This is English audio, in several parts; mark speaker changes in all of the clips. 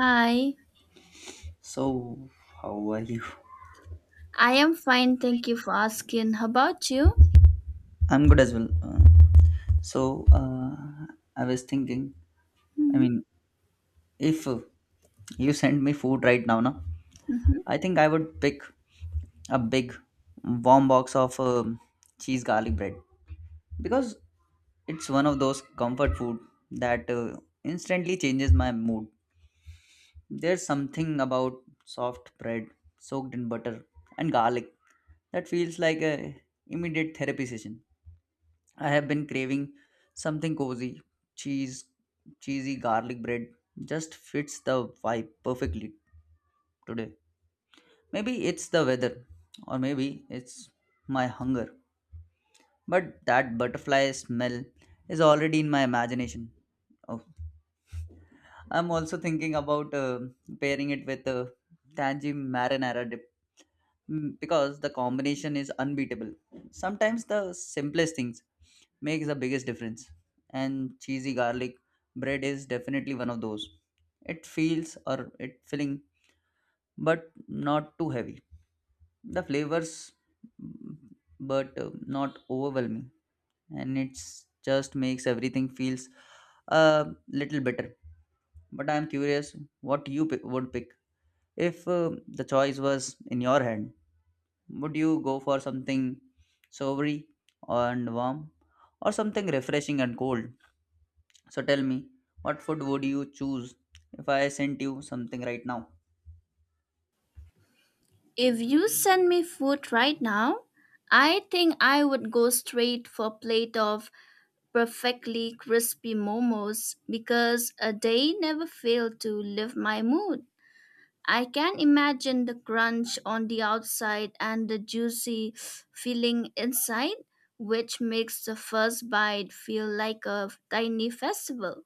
Speaker 1: Hi,
Speaker 2: So, how are you?
Speaker 1: I am fine. Thank you for asking. How about you?
Speaker 2: I'm good as well. So, uh, I was thinking, I
Speaker 1: Mhm,
Speaker 2: mean, if you send me food right now, no,
Speaker 1: mhm.
Speaker 2: I think I would pick a big warm box of cheese garlic bread because it's one of those comfort food that instantly changes my mood. There's something about soft bread soaked in butter and garlic that feels like a immediate therapy session. I have been craving something cozy. Cheese, cheesy garlic bread just fits the vibe perfectly today. Maybe it's the weather, or maybe it's my hunger. But that butterfly smell is already in my imagination. Oh. I'm also thinking about pairing it with tangy marinara dip because the combination is unbeatable. Sometimes the simplest things makes the biggest difference, and cheesy garlic bread is definitely one of those. It feels or it filling, but not too heavy. The flavors, mm, but not overwhelming, and it's just makes everything feels a little better but I'm curious what would pick. If the choice was in your hand, would you go for something savory and warm or something refreshing and cold? So tell me, what food would you choose if I sent you something right now?
Speaker 1: If you send me food right now, I think I would go straight for a plate of perfectly crispy momos because they never fail to lift my mood. I can imagine the crunch on the outside and the juicy feeling inside, which makes the first bite feel like a tiny festival.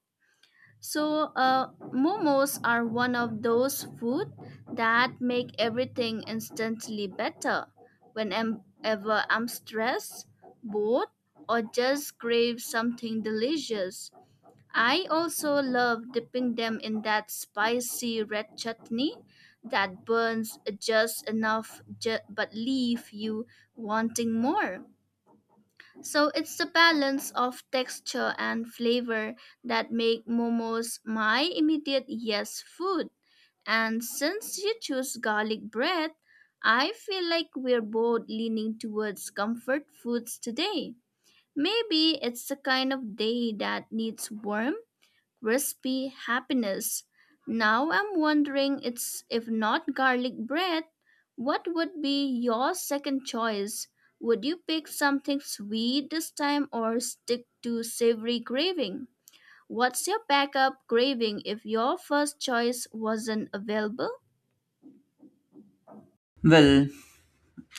Speaker 1: So, momos are one of those food that make everything instantly better. Whenever I'm stressed, bored, or just crave something delicious, I also love dipping them in that spicy red chutney that burns just enough but leave you wanting more. So it's the balance of texture and flavor that make momos my immediate yes food. And since you choose garlic bread, I feel like we're both leaning towards comfort foods today. Maybe it's the kind of day that needs warmth. Recipe happiness. Now I'm wondering it's if not garlic bread, what would be your second choice? Would you pick something sweet this time or stick to savory craving? What's your backup craving if your first choice wasn't available?
Speaker 2: Well,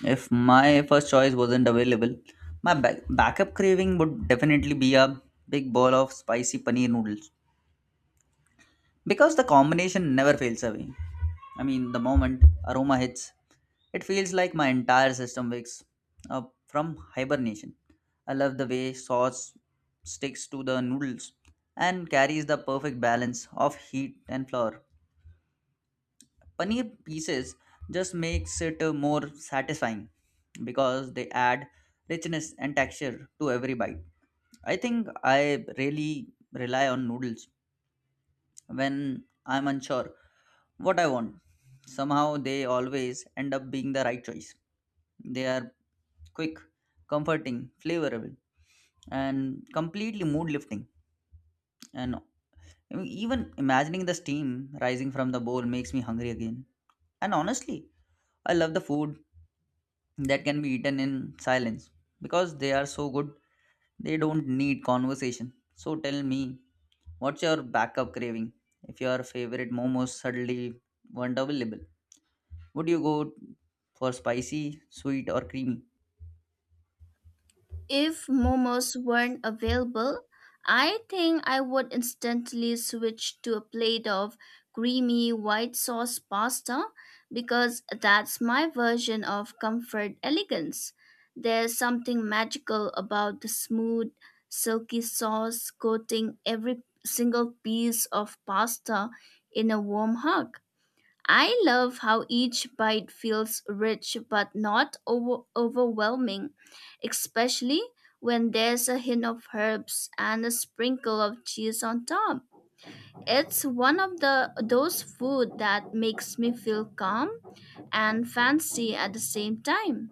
Speaker 2: if my first choice wasn't available, my backup craving would definitely be a big bowl of spicy paneer noodles because the combination never fails away. I mean, the moment aroma hits, it feels like my entire system wakes up from hibernation. I love the way sauce sticks to the noodles and carries the perfect balance of heat and flour. Paneer pieces just makes it more satisfying because they add richness and texture to every bite. I think I really rely on noodles when I'm unsure what I want. Somehow they always end up being the right choice. They are quick, comforting, flavorable, and completely mood lifting. And even imagining the steam rising from the bowl makes me hungry again. And honestly, I love the food that can be eaten in silence because they are so good, they don't need conversation. So tell me, what's your backup craving? If your favorite momos suddenly weren't available, would you go for spicy, sweet, or creamy?
Speaker 1: If momos weren't available, I think I would instantly switch to a plate of creamy white sauce pasta because that's my version of comfort elegance. There's something magical about the smooth, silky sauce coating every single piece of pasta in a warm hug. I love how each bite feels rich but not overwhelming, especially when there's a hint of herbs and a sprinkle of cheese on top. It's one of the those food that makes me feel calm and fancy at the same time.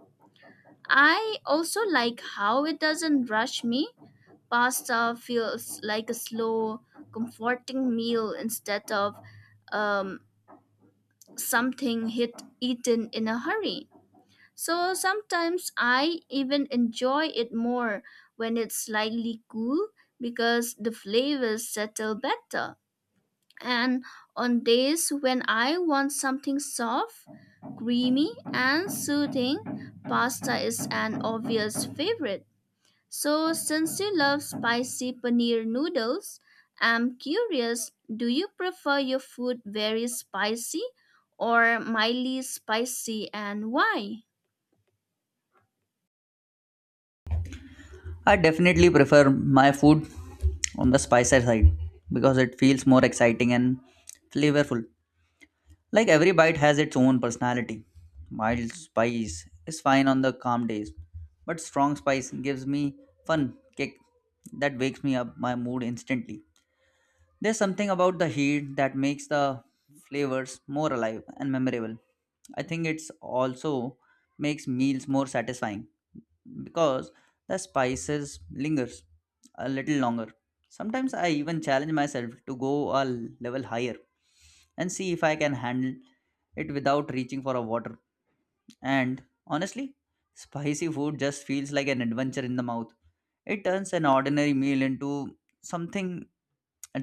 Speaker 1: I also like how it doesn't rush me. Pasta feels like a slow, comforting meal instead of um, something hit eaten in a hurry. So sometimes I even enjoy it more when it's slightly cool because the flavors settle better. And on days when I want something soft, creamy, and soothing, pasta is an obvious favorite. So, since you love spicy paneer noodles, I'm curious, do you prefer your food very spicy or mildly spicy, and why?
Speaker 2: I definitely prefer my food on the spicier side because it feels more exciting and flavorful. Like every bite has its own personality. Mild spice is fine on the calm days, but strong spice gives me fun kick that wakes me up my mood instantly. There's something about the heat that makes the flavors more alive and memorable. I think it's also makes meals more satisfying because the spices lingers a little longer. Sometimes I even challenge myself to go a level higher and see if I can handle it without reaching for a water and honestly, spicy food just feels like an adventure in the mouth. It turns an ordinary meal into something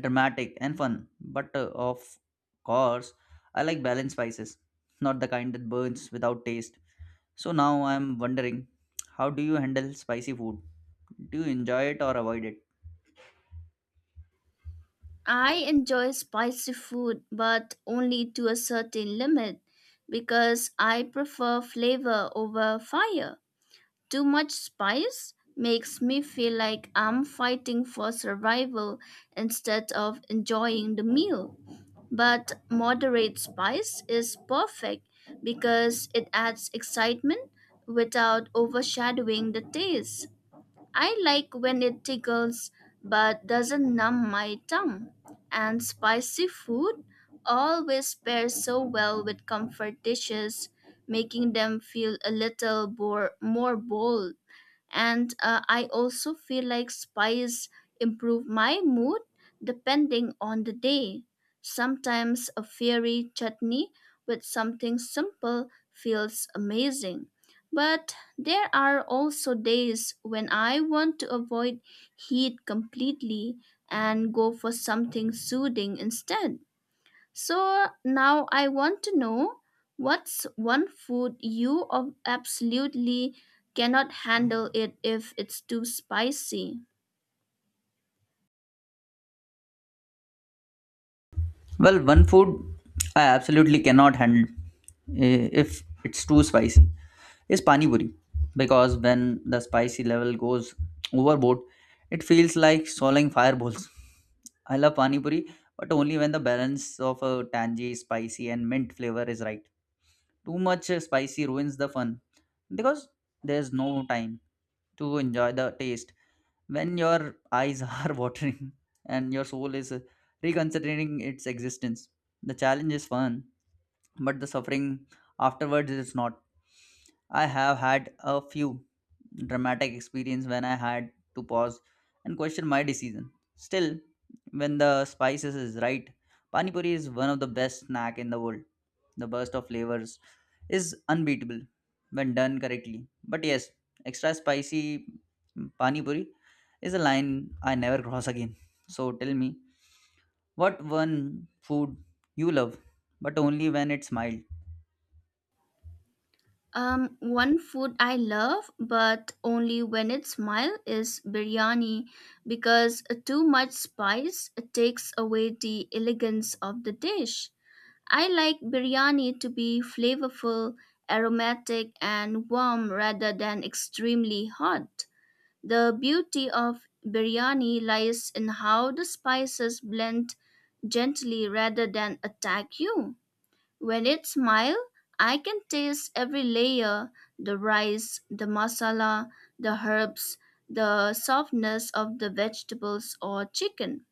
Speaker 2: dramatic and fun. But of course, I like balanced spices, not the kind that burns without taste. So now I'm wondering, how do you handle spicy food? Do you enjoy it or avoid it?
Speaker 1: I enjoy spicy food but only to a certain limit because I prefer flavor over fire. Too much spice makes me feel like I'm fighting for survival instead of enjoying the meal, but moderate spice is perfect because it adds excitement without overshadowing the taste. I like when it tickles but doesn't numb my tongue. And spicy food always pairs so well with comfort dishes, making them feel a little more bold, and I also feel like spice improve my mood depending on the day. Sometimes a fiery chutney with something simple feels amazing, but there are also days when I want to avoid heat completely and go for something soothing instead. So now I want to know, what's one food you absolutely cannot handle it if it's too spicy.
Speaker 2: Well, one food I absolutely cannot handle if it's too spicy is pani puri because when the spicy level goes overboard, it feels like swallowing fireballs. I love pani puri, but only when the balance of a tangy, spicy, and mint flavor is right. Too much spicy ruins the fun because there's no time to enjoy the taste when your eyes are watering and your soul is reconsidering its existence. The challenge is fun, but the suffering afterwards is not. I have had a few dramatic experience when I had to pause and question my decision. Still, when the spices is right, pani puri is one of the best snack in the world. The burst of flavors is unbeatable when done correctly. But yes, extra spicy pani puri is a line I never cross again. So tell me, what one food you love, but only when it's mild?
Speaker 1: One food I love, but only when it's mild, is biryani because too much spice takes away the elegance of the dish. I like biryani to be flavorful, aromatic, and warm rather than extremely hot. The beauty of biryani lies in how the spices blend gently rather than attack you. When it smiles, I can taste every layer, the rice, the masala, the herbs, the softness of the vegetables or chicken.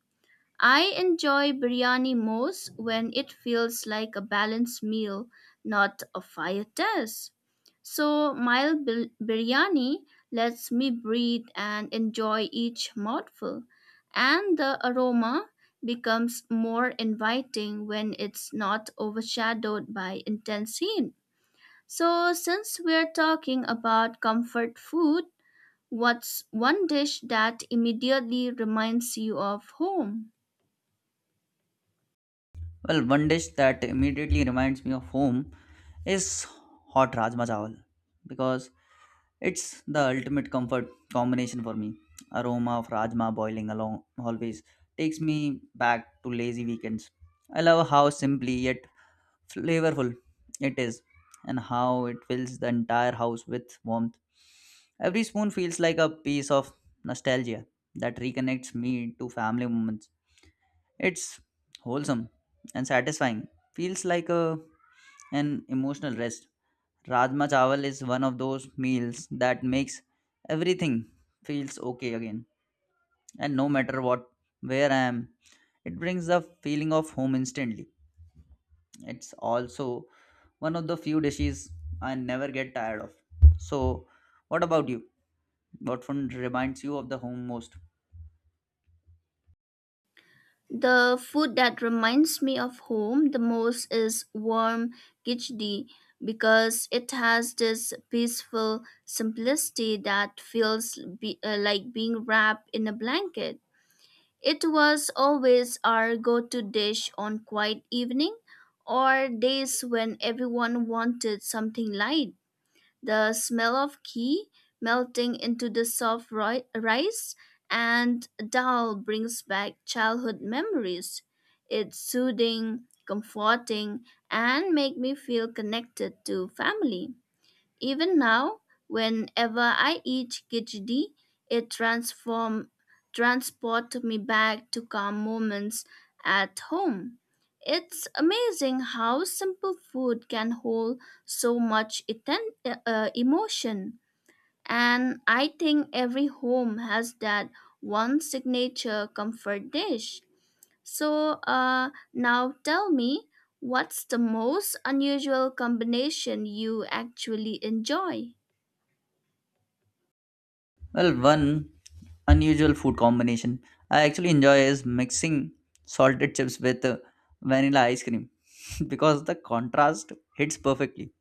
Speaker 1: I enjoy biryani most when it feels like a balanced meal, not a fire test. So, biryani lets me breathe and enjoy each mouthful, and the aroma becomes more inviting when it's not overshadowed by intense heat. So, since we're talking about comfort food, what's one dish that immediately reminds you of home?
Speaker 2: Well, one dish that immediately reminds me of home is hot rajma chawal because it's the ultimate comfort combination for me. Aroma of rajma boiling along always takes me back to lazy weekends. I love how simply yet flavorful it is and how it fills the entire house with warmth. Every spoon feels like a piece of nostalgia that reconnects me to family moments. It's wholesome and satisfying. Feels like a an emotional rest. Rajma chawal is one of those meals that makes everything feels okay again. And no matter what where I am, it brings the feeling of home instantly. It's also one of the few dishes I never get tired of. So, what about you? What food reminds you of the home most?
Speaker 1: The food that reminds me of home the most is warm khichdi because it has this peaceful simplicity that feels like being wrapped in a blanket. It was always our go-to dish on quiet evening or days when everyone wanted something light, the smell of ghee melting into the soft rice and dal brings back childhood memories. It's soothing, comforting, and make me feel connected to family. Even now, whenever I eat khichdi, it transform transport me back to calm moments at home. It's amazing how simple food can hold so much emotion. And I think every home has that one signature comfort dish. So, now tell me, what's the most unusual combination you actually enjoy?
Speaker 2: Well, one unusual food combination I actually enjoy is mixing salted chips with vanilla ice cream because the contrast hits perfectly.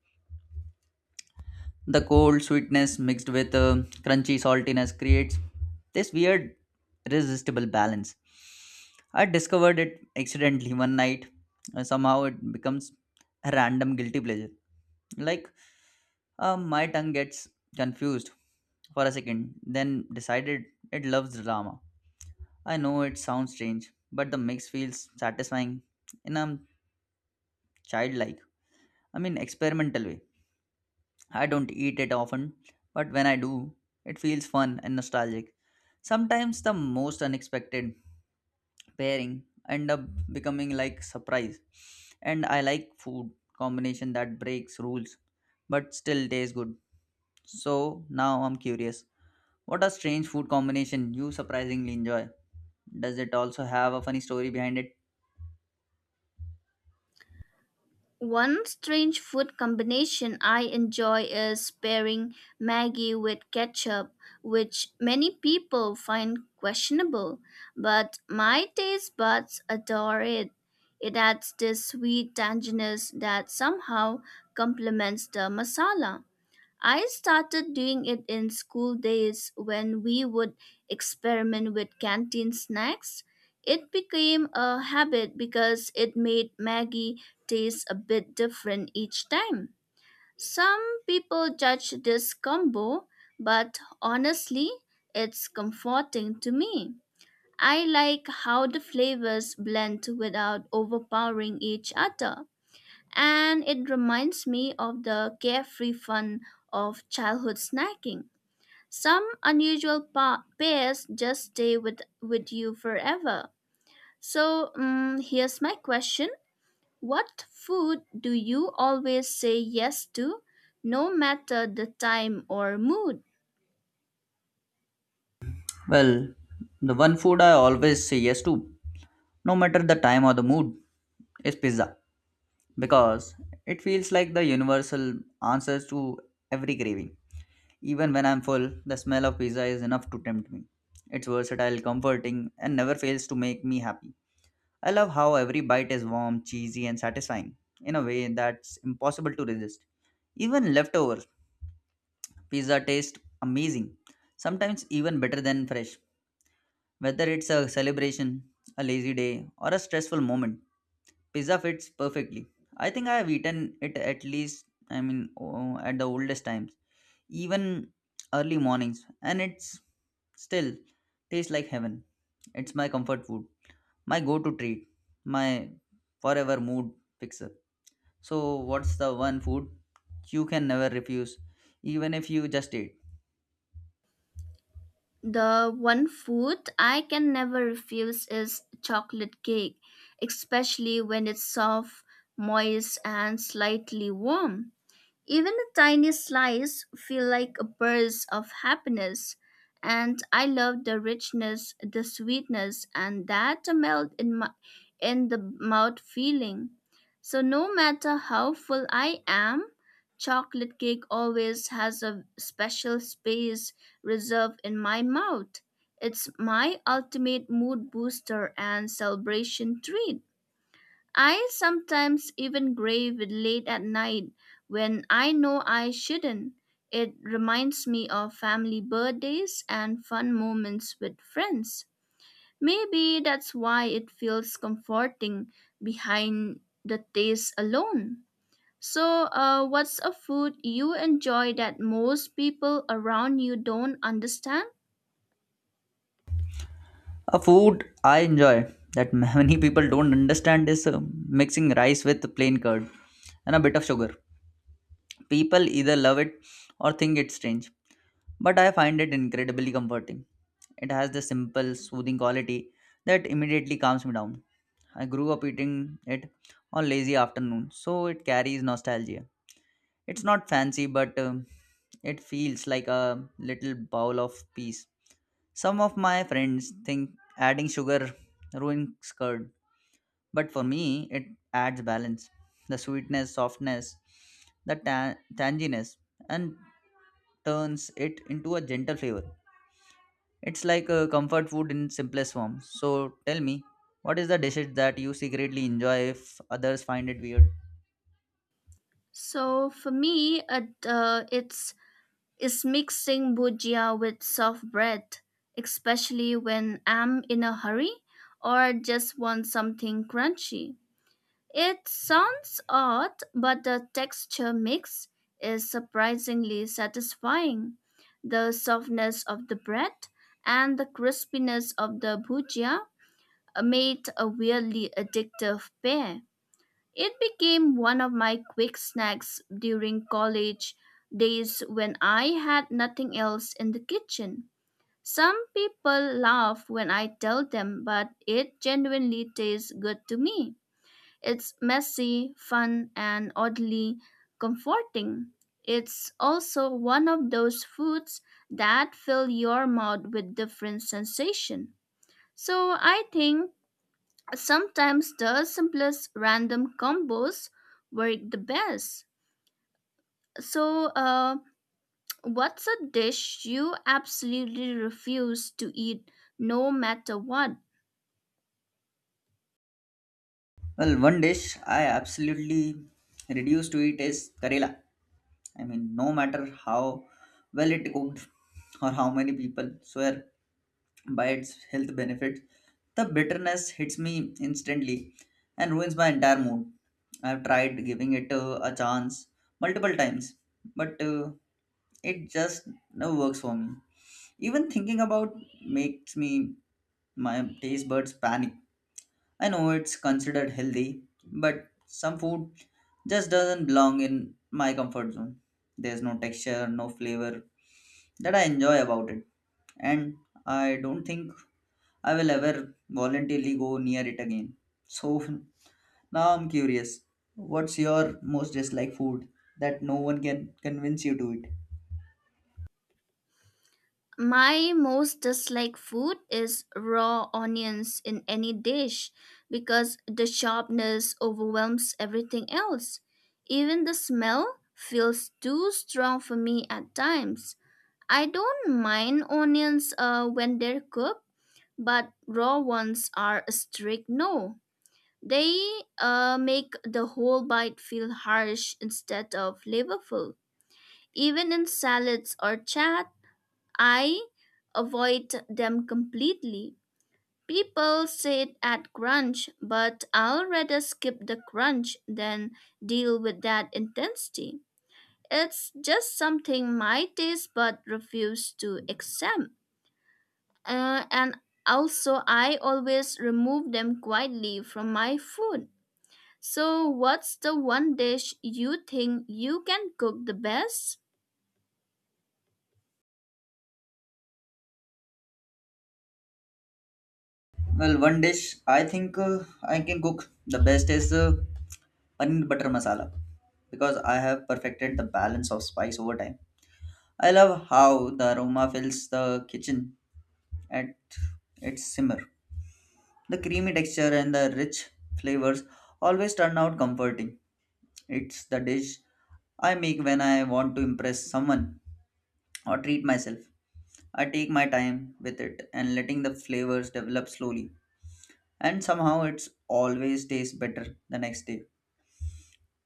Speaker 2: The cold sweetness mixed with crunchy saltiness creates this weird, irresistible balance. I discovered it accidentally one night, and somehow it becomes a random guilty pleasure. Like my tongue gets confused for a second, then decided it loves drama. I know it sounds strange, but the mix feels satisfying in a childlike, experimental way. I don't eat it often, but when I do, it feels fun and nostalgic. Sometimes the most unexpected pairing end up becoming like surprise. And I like food combination that breaks rules but still tastes good. So now I'm curious. What a strange food combination you surprisingly enjoy. Does it also have a funny story behind it?
Speaker 1: One strange food combination I enjoy is pairing Maggie with ketchup, which many people find questionable, but my taste buds adore it. It adds this sweet tanginess that somehow complements the masala. I started doing it in school days when we would experiment with canteen snacks. It became a habit because it made Maggie taste a bit different each time. Some people judge this combo, but honestly, it's comforting to me. I like how the flavors blend without overpowering each other, and it reminds me of the carefree fun of childhood snacking. Some unusual pairs just stay with you forever. So, here's my question. What food do you always say yes to, no matter the time or mood?
Speaker 2: Well, the one food I always say yes to, no matter the time or the mood, is pizza, because it feels like the universal answer to every craving. Even when I'm full, the smell of pizza is enough to tempt me. It's versatile, comforting, and never fails to make me happy. I love how every bite is warm, cheesy, and satisfying in a way that's impossible to resist. Even leftovers, pizza tastes amazing, sometimes even better than fresh. Whether it's a celebration, a lazy day, or a stressful moment, pizza fits perfectly. I think I have eaten it at least at the oldest times, even early mornings, and it's still tastes like heaven. It's my comfort food, my go to treat, my forever mood fixer. So, what's the one food you can never refuse, even if you just ate?
Speaker 1: The one food I can never refuse is chocolate cake, especially when it's soft, moist, and slightly warm. Even the tiniest slice feel like a burst of happiness, and I love the richness, the sweetness, and that melt in the mouth feeling. So no matter how full I am, chocolate cake always has a special space reserved in my mouth. It's my ultimate mood booster and celebration treat. I sometimes even grave it late at night when I know I shouldn't. It reminds me of family birthdays and fun moments with friends. Maybe that's why it feels comforting behind the taste alone. So, what's a food you enjoy that most people around you don't understand?
Speaker 2: A food I enjoy that many people don't understand is mixing rice with plain curd and a bit of sugar. People either love it or think it's strange, but I find it incredibly comforting. It has the simple, soothing quality that immediately calms me down. I grew up eating it on lazy afternoons, so it carries nostalgia. It's not fancy, but it feels like a little bowl of peace. Some of my friends think adding sugar ruins curd, but for me, it adds balance. The sweetness, softness, the tanginess, and turns it into a gentle flavor. It's like a comfort food in simplest form. So tell me, what is the dishes that you secretly enjoy if others find it weird?
Speaker 1: So, for me, it, it's is mixing bhujia with soft bread, especially when I'm in a hurry or just want something crunchy. It sounds odd, but the texture mix is surprisingly satisfying. The softness of the bread and the crispiness of the bhujia made a weirdly addictive pair. It became one of my quick snacks during college days when I had nothing else in the kitchen. Some people laugh when I tell them, but it genuinely tastes good to me. It's messy, fun, and oddly comforting. It's also one of those foods that fill your mouth with different sensation. So I think sometimes the simplest random combos work the best. So, what's a dish you absolutely refuse to eat no matter what?
Speaker 2: Well, one dish I absolutely reduce to it is Karela. I mean, no matter how well it cooked or how many people swear by its health benefits, the bitterness hits me instantly and ruins my entire mood. I've tried giving it a chance multiple times, but it just no works for me. Even thinking about makes me my taste buds panic. I know it's considered healthy, but some food just doesn't belong in my comfort zone. There's no texture, no flavor that I enjoy about it, and I don't think I will ever voluntarily go near it again. So now I'm curious. What's your most disliked food that no one can convince you to eat?
Speaker 1: My most disliked food is raw onions in any dish because the sharpness overwhelms everything else. Even the smell feels too strong for me at times. I don't mind onions when they're cooked, but raw ones are a strict no. They make the whole bite feel harsh instead of flavorful. Even in salads or chat, I avoid them completely. People say it at crunch, but I'll rather skip the crunch than deal with that intensity. It's just something my taste bud refuse to accept. And also, I always remove them quietly from my food. So, what's the one dish you think you can cook the best?
Speaker 2: Well, one dish I think I can cook the best is paneer butter masala because I have perfected the balance of spice over time. I love how the aroma fills the kitchen at its simmer. The creamy texture and the rich flavors always turn out comforting. It's the dish I make when I want to impress someone or treat myself. I take my time with it and letting the flavors develop slowly. And somehow it's always tastes better the next day.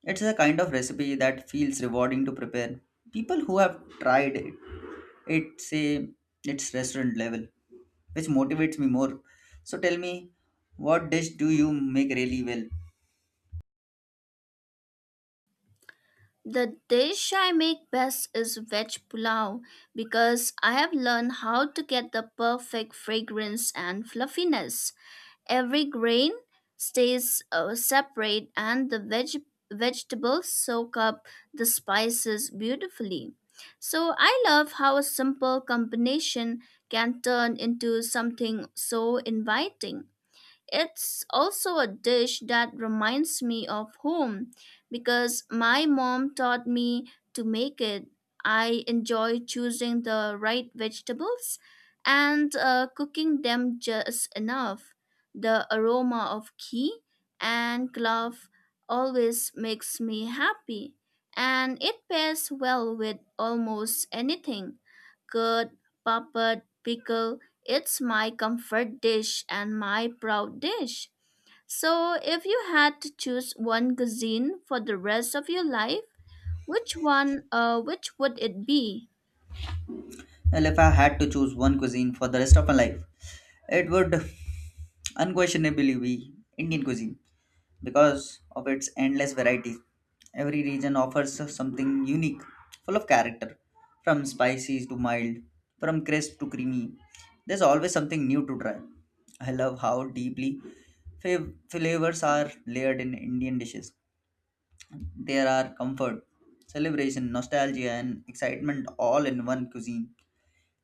Speaker 2: It's a kind of recipe that feels rewarding to prepare. People who have tried it, it say it's restaurant level, which motivates me more. So tell me, what dish do you make really well?
Speaker 1: The dish I make best is veg pulao because I have learned how to get the perfect fragrance and fluffiness. Every grain stays separate, and the vegetables soak up the spices beautifully. So I love how a simple combination can turn into something so inviting. It's also a dish that reminds me of home because my mom taught me to make it. I enjoy choosing the right vegetables and cooking them just enough. The aroma of ghee and clove always makes me happy, and it pairs well with almost anything, curd, papad, pickle. It's my comfort dish and my proud dish. So, if you had to choose one cuisine for the rest of your life, which would it be?
Speaker 2: Well, if I had to choose one cuisine for the rest of my life, it would unquestionably be Indian cuisine because of its endless variety. Every region offers something unique, full of character, from spicy to mild, from crisp to creamy. There's always something new to try. I love how deeply flavors are layered in Indian dishes. There are comfort, celebration, nostalgia, and excitement all in one cuisine.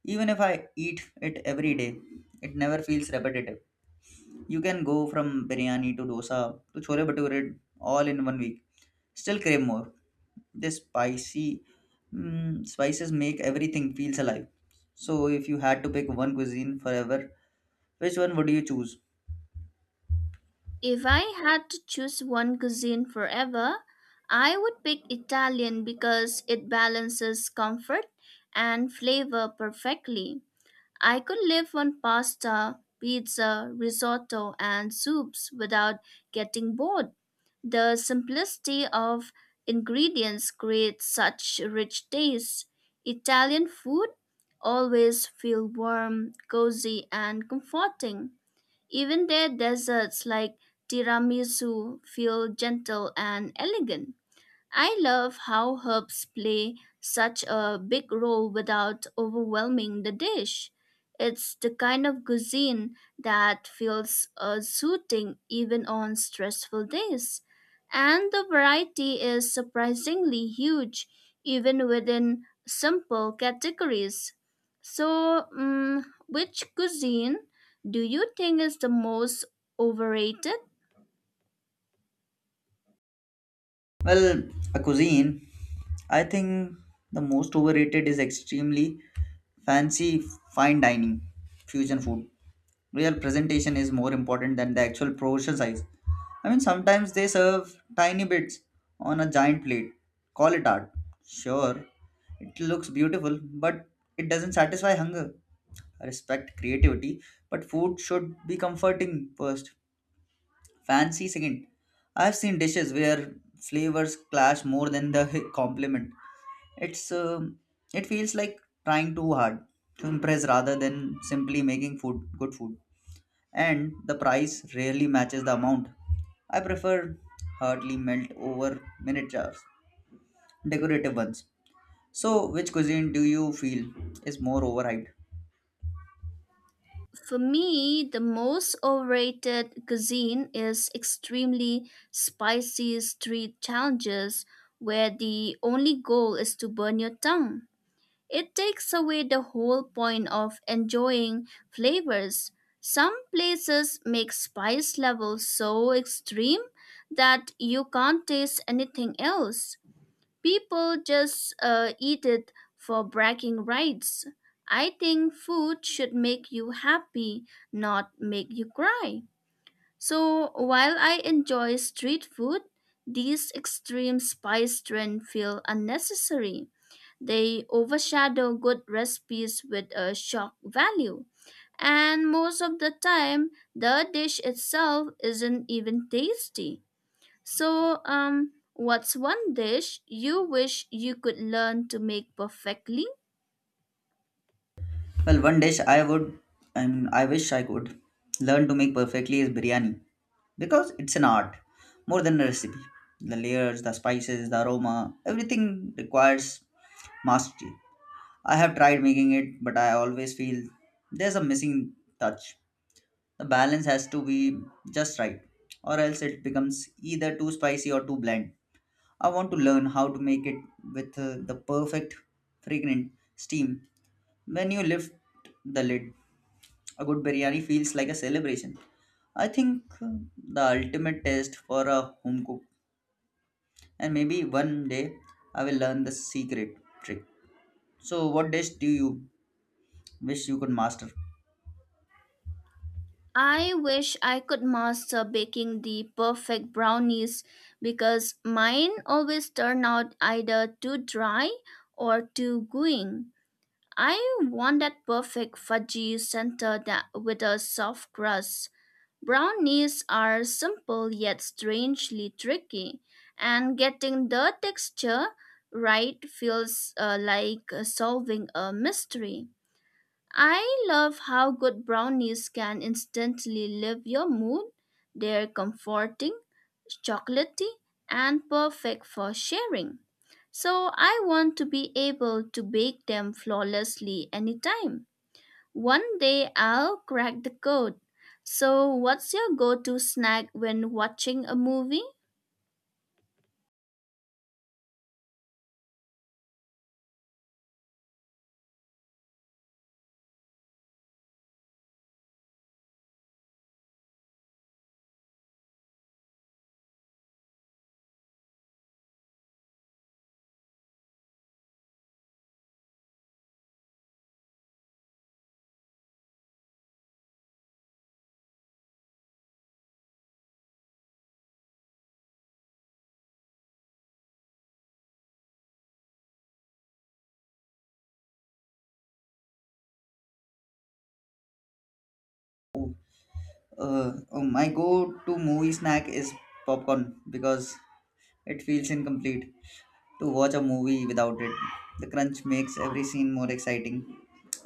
Speaker 2: Even if I eat it every day, it never feels repetitive. You can go from biryani to dosa to chole bhature all in one week. Still crave more. This spices make everything feels alive. So if you had to pick one cuisine forever, which one would you choose?
Speaker 1: If I had to choose one cuisine forever, I would pick Italian because it balances comfort and flavor perfectly. I could live on pasta, pizza, risotto, and soups without getting bored. The simplicity of ingredients creates such rich taste. Italian food always feel warm, cozy, and comforting. Even their desserts like tiramisu feel gentle and elegant. I love how herbs play such a big role without overwhelming the dish. It's the kind of cuisine that feels soothing even on stressful days. And the variety is surprisingly huge, even within simple categories. So, which cuisine do you think is the most overrated?
Speaker 2: Well, a cuisine. I think the most overrated is extremely fancy fine dining fusion food. Real presentation is more important than the actual portion size. I mean, sometimes they serve tiny bits on a giant plate. Call it art. Sure, it looks beautiful, but it doesn't satisfy hunger. I respect creativity, but food should be comforting first, fancy second. I've seen dishes where flavors clash more than the compliment. It's it feels like trying too hard to impress rather than simply making food good food and the price rarely matches the amount. I prefer hardly melt over minute jars, decorative ones. So, which cuisine do you feel is more overhyped?
Speaker 1: For me, the most overrated cuisine is extremely spicy street challenges where the only goal is to burn your tongue. It takes away the whole point of enjoying flavors. Some places make spice levels so extreme that you can't taste anything else. People just eat it for bragging rights. I think food should make you happy, not make you cry. So while I enjoy street food, these extreme spice trends feel unnecessary. They overshadow good recipes with a shock value. And most of the time, the dish itself isn't even tasty. So, what's one dish you wish you could learn to make perfectly?
Speaker 2: Well, one dish I wish I could learn to make perfectly is biryani because it's an art more than a recipe. The layers, the spices, the aroma, everything requires mastery. I have tried making it, but I always feel there's a missing touch. The balance has to be just right, or else it becomes either too spicy or too bland. I want to learn how to make it with the perfect fragrant steam. When you lift the lid, a good biryani feels like a celebration. I think the ultimate test for a home cook, and maybe one day I will learn the secret trick. So, what dish do you wish you could master?
Speaker 1: I wish I could master baking the perfect brownies because mine always turn out either too dry or too gooey. I want that perfect fudgy center that with a soft crust. Brownies are simple yet strangely tricky, and getting the texture right feels like solving a mystery. I love how good brownies can instantly lift your mood. They're comforting, chocolatey, and perfect for sharing. So I want to be able to bake them flawlessly anytime. One day I'll crack the code. So, what's your go to snack when watching a movie?
Speaker 2: Oh, oh, my go-to movie snack is popcorn because it feels incomplete to watch a movie without it. The crunch makes every scene more exciting.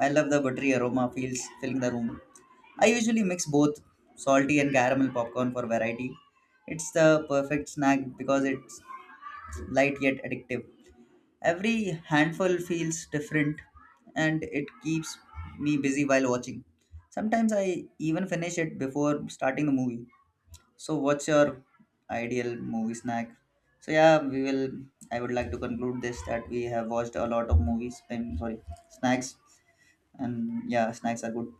Speaker 2: I love the buttery aroma feels filling the room. I usually mix both salty and caramel popcorn for variety. It's the perfect snack because it's light yet addictive. Every handful feels different and it keeps me busy while watching. Sometimes I even finish it before starting the movie. So, what's your ideal movie snack? So, yeah, we will. I would like to conclude this that we have watched a lot of movies. I'm sorry, snacks, and yeah, snacks are good.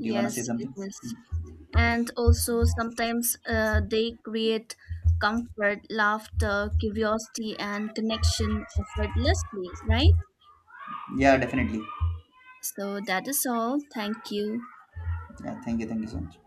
Speaker 2: Do you wanna say
Speaker 1: Yes, it
Speaker 2: something?
Speaker 1: is. And also, sometimes they create comfort, laughter, curiosity, and connection effortlessly, right?
Speaker 2: Yeah, definitely.
Speaker 1: So, that is all. Thank you.
Speaker 2: Yeah, thank you so much.